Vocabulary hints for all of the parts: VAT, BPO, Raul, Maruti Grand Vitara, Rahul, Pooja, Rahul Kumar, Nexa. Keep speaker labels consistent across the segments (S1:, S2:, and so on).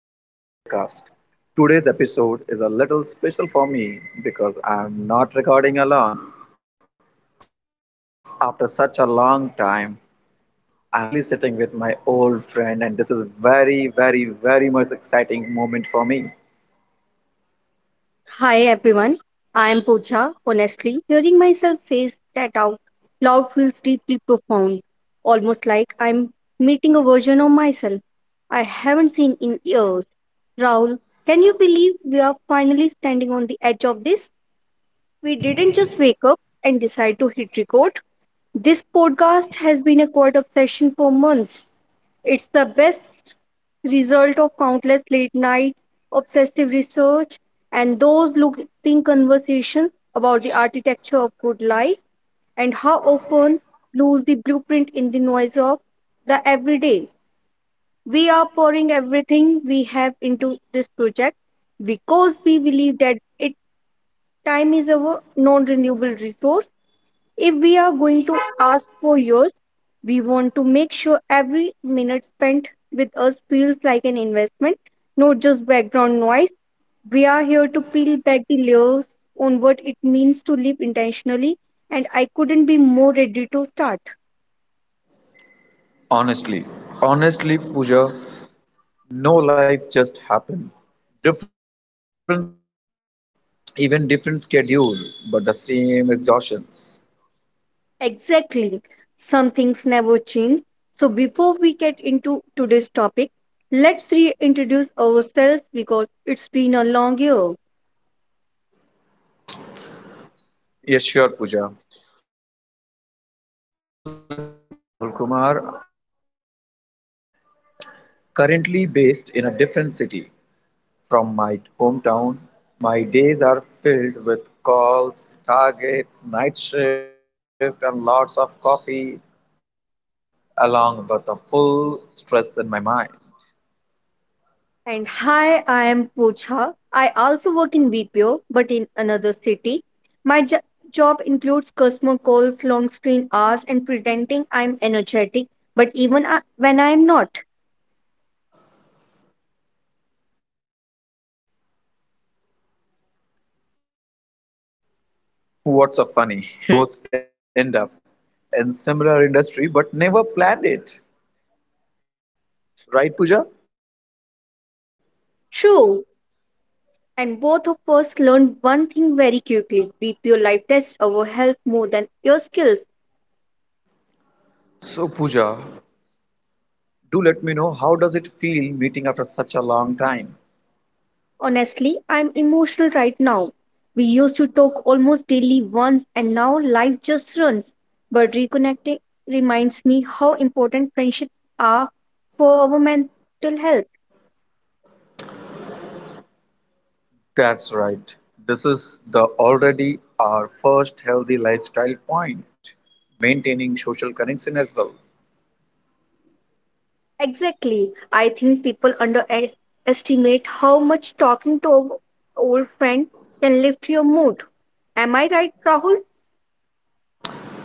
S1: Welcome to the podcast. Today's episode is a little special for me because I'm not recording alone. After such a long time, I'm finally sitting with my old friend, and this is very, very, very much exciting moment for me.
S2: Hi everyone, I am Pooja. Honestly, hearing myself say that out loud feels deeply profound, almost like I'm meeting a version of myself I haven't seen in years. Raul, can you believe we are finally standing on the edge of this? We didn't just wake up and decide to hit record. This podcast has been a quiet obsession for months. It's the best result of countless late night obsessive research and those looping conversations about the architecture of good life and how often lose the blueprint in the noise of the everyday. We are pouring everything we have into this project because we believe that it time is our non-renewable resource. If we are going to ask for yours, we want to make sure every minute spent with us feels like an investment, not just background noise. We are here to peel back the layers on what it means to live intentionally, and I couldn't be more ready to start.
S1: Honestly, honestly, Pooja, no life just happened. Different cities, different job, even different schedule, but the same exhaustions.
S2: Exactly. Some things never change. So, before we get into today's topic, let's reintroduce ourselves because it's been a long year.
S1: Yes, sure, Pooja. For those listening, I am Rahul Kumar. I work in a BPO, currently based in a different city from my hometown. My days are filled with calls, targets, night shift, and lots of coffee, along with a full stress in my mind.
S2: And hi, I am Pooja. I also work in BPO, but in another city. My jo- job includes customer calls, long screen hours, and pretending I'm energetic, but when I'm not.
S1: What's so funny? it is that the it is that we both end up in similar industry but never planned it, right, Pooja?
S2: True. And both of us learned one thing very quickly, BPO life tests our health more than your skills.
S1: So, Pooja, do let me know how does it feel meeting after such a long time?
S2: Honestly, I'm emotional right now. We used to talk almost daily once and now life just runs. But reconnecting reminds me how important friendships are for our mental health.
S1: That's right. This is the already our first healthy lifestyle point, maintaining social connection as well.
S2: Exactly. I think people underestimate how much talking to an old friend can lift your mood. Am I right, Rahul?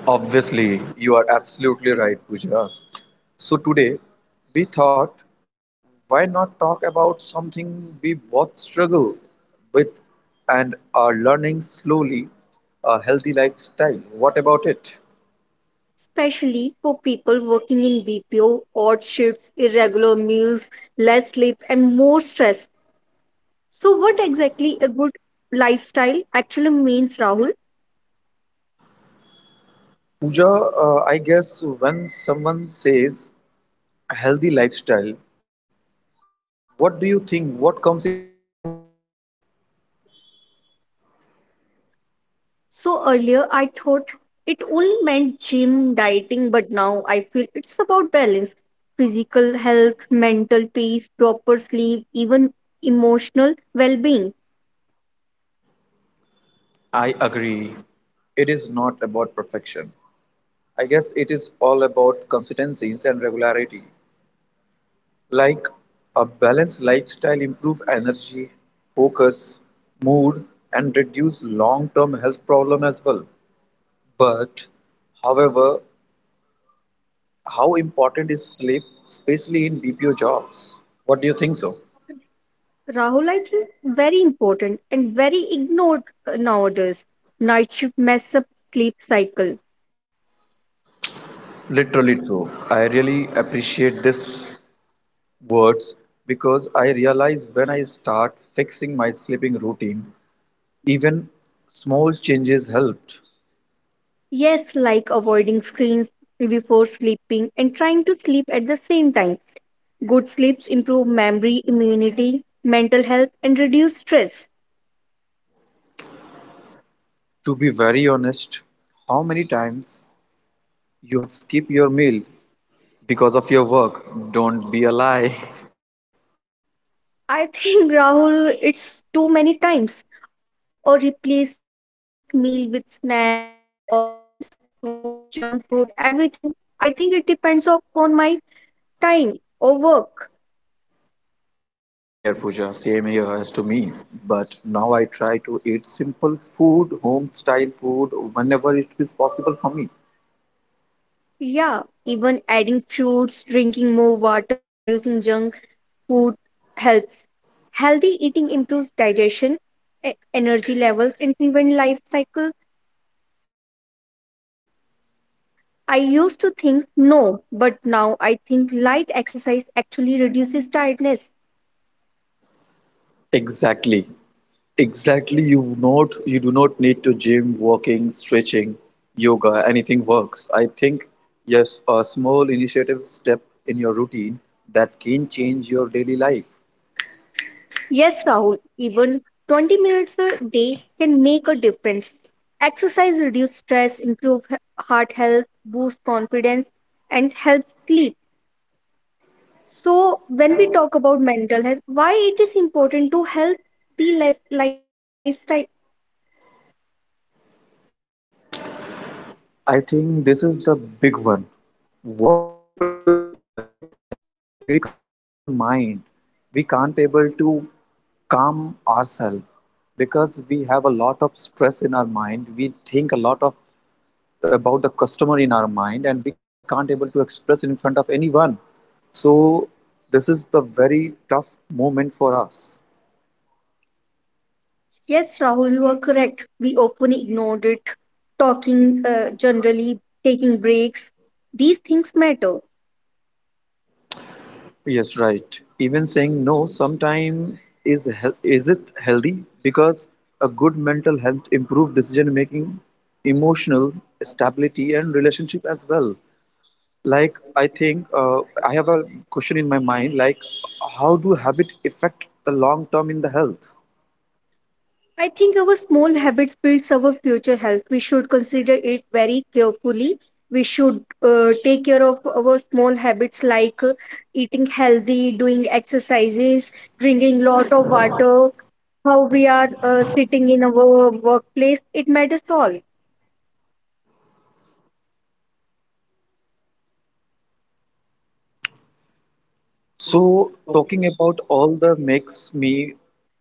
S1: Obviously, you are absolutely right, Pooja. So today, we thought, why not talk about something we both struggle with and are learning slowly, a healthy lifestyle. What about it?
S2: Especially for people working in BPO, odd shifts, irregular meals, less sleep, and more stress. So, what exactly a good lifestyle actually means, Rahul?
S1: Pooja, I guess when someone says a healthy lifestyle, what do you think? What comes in your mind first?
S2: So, earlier I thought it only meant gym, dieting, but now I feel it's about balance physical health, mental peace, proper sleep, even emotional well being.
S1: I agree. It is not about perfection. I guess it is all about consistencies and regularity. Like a balanced lifestyle improves energy, focus, mood, and reduce long-term health problem as well. But, however, how important is sleep, especially in BPO jobs? What do you think so?
S2: Rahul, I think very important and very ignored nowadays. Night shift mess up sleep cycle.
S1: Literally true. I really appreciate this words because I realize when I start fixing my sleeping routine, even small changes helped.
S2: Yes, like avoiding screens before sleeping and trying to sleep at the same time. Good sleeps improve memory, immunity, mental health, and reduce stress.
S1: To be very honest, how many times you have skipped your meal because of your work? Don't be a lie.
S2: I think, Rahul, it's too many times. Or replace meal with snacks or instant food, junk food, everything. I think it depends upon my time or work.
S1: Same here, Pooja. Same here as to me. But now I try to eat simple food, home style food, whenever it is possible for me.
S2: Yeah, even adding fruits, drinking more water, reducing junk food helps. Healthy eating improves digestion, energy levels, and prevent life cycle diseases. I used to think no, but now I think light exercise actually reduces tiredness.
S1: Exactly. Exactly, you do not need to gym, walking, stretching, yoga, anything works. I think yes, a small initiative step in your routine that can change your daily life.
S2: Yes, Rahul, even 20 minutes a day can make a difference. Exercise reduces stress, improves heart health, boosts confidence, and helps sleep. So, when we talk about mental health, why it is important to healthy life, lifestyle?
S1: I think this is the big one. Work pressure, target, energy, angry customer, it affect the mind. We can't able to calm ourselves because we have a lot of stress in our mind. We think a lot of about the customer in our mind and we can't able to express in front of anyone, so this is the very tough moment for us.
S2: Yes, Rahul, you are correct. We often ignored it. Talking generally, taking breaks, these things matter.
S1: Yes, right, even saying no sometime is is it healthy, because a good mental health improve decision making, emotional stability and relationship as well. Like I think, I have a question in my mind, like how do habit affect the long term in the health?
S2: I think our small habits builds our future health. We should consider it very carefully. We should take care of our small habits like eating healthy, doing exercises, drinking lot of water, how we are sitting in our workplace. It matters all.
S1: So, talking about all the makes me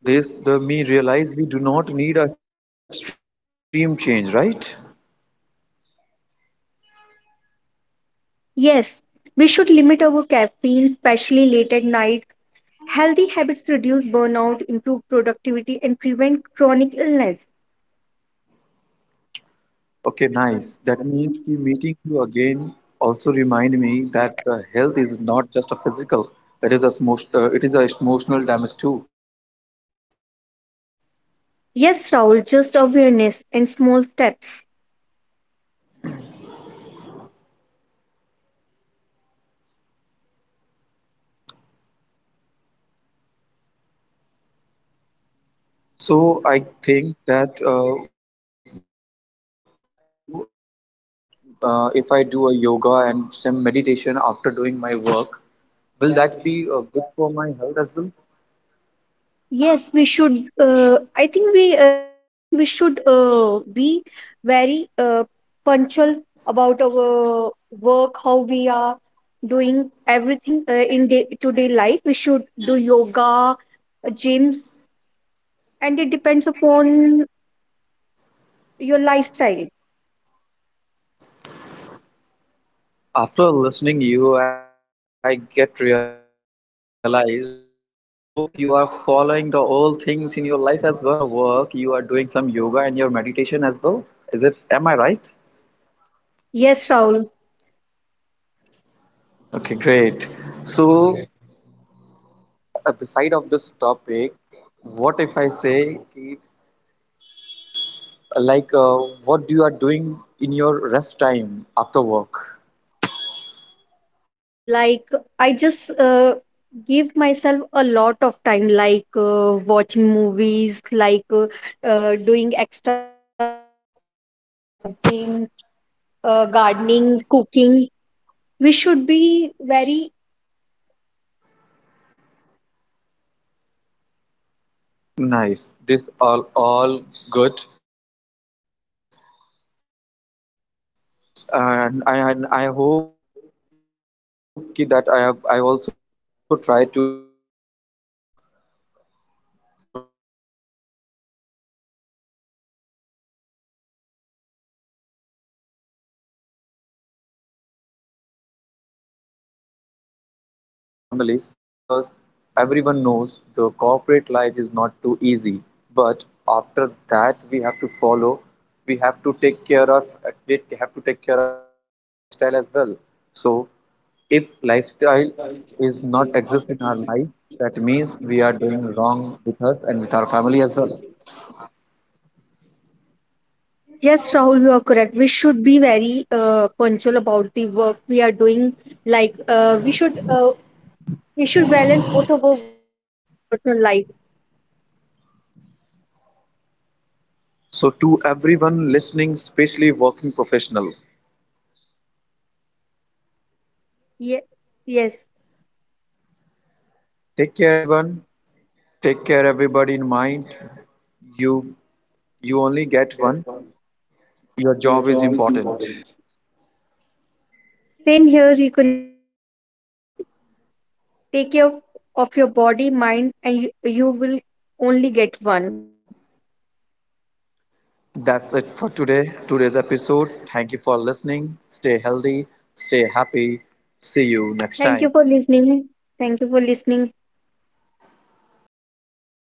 S1: this, the me realize we do not need a extreme change, right?
S2: Yes, we should limit our caffeine, especially late at night. Healthy habits reduce burnout, improve productivity, and prevent chronic illness.
S1: Okay, nice. That means ki meeting you again also remind me that the health is not just a physical, it is a it is a emotional damage too.
S2: Yes, Raul, just awareness and small steps.
S1: So I think that, what if I do if I if I do a yoga and some meditation after doing my work, will that be good for my health as well?
S2: Yes, we should. I think we nowadays we should be very punctual about our work, how we are doing everything in day to day life. We should do yoga, gyms, and it depends upon your lifestyle.
S1: After listening you, I get realized that I hope you are following the old things in your life as well. That means after work you are doing some yoga and your meditation as well. Is it, am I right?
S2: Yes, Rahul.
S1: Okay, great. So, okay, beside of this topic, what if I say ki, like what do you are doing in your rest time after work?
S2: Like I just give myself a lot of time, like watching movies, doing extracurricular activities like gym, gardening, cooking. We should be very.
S1: Nice. This all good. And I hope ki that I also try to follow follow the all, uh, follow the all exercises whatever you have recommended to me after the work, so that I can take care of my health, take care of my mental status, take care of my, emotional connection as well with my families, because everyone knows the corporate life is not too easy, but after that we have to follow, we have to take care of, we have to take care of our daily lifestyle as well. So if lifestyle is not exist in our life, that means we are doing wrong with us and with our family as well.
S2: Yes, Rahul, you are correct. We should be very punctual about the work we are doing. Like we should balance both of our work and our personal life.
S1: So to everyone listening, especially working professional,
S2: Yeah. Yes,
S1: take care everyone. Take care everybody in mind. You you only get one. Your job is important.
S2: same here. Reconnecting feel refreshing, Rahul. Take care of your body, mind, and you will only get one.
S1: That's it for today. Today's episode. Thank you for listening. Stay healthy. Stay happy. See you next
S2: Thank you
S1: time.
S2: for listening. Thank you for listening.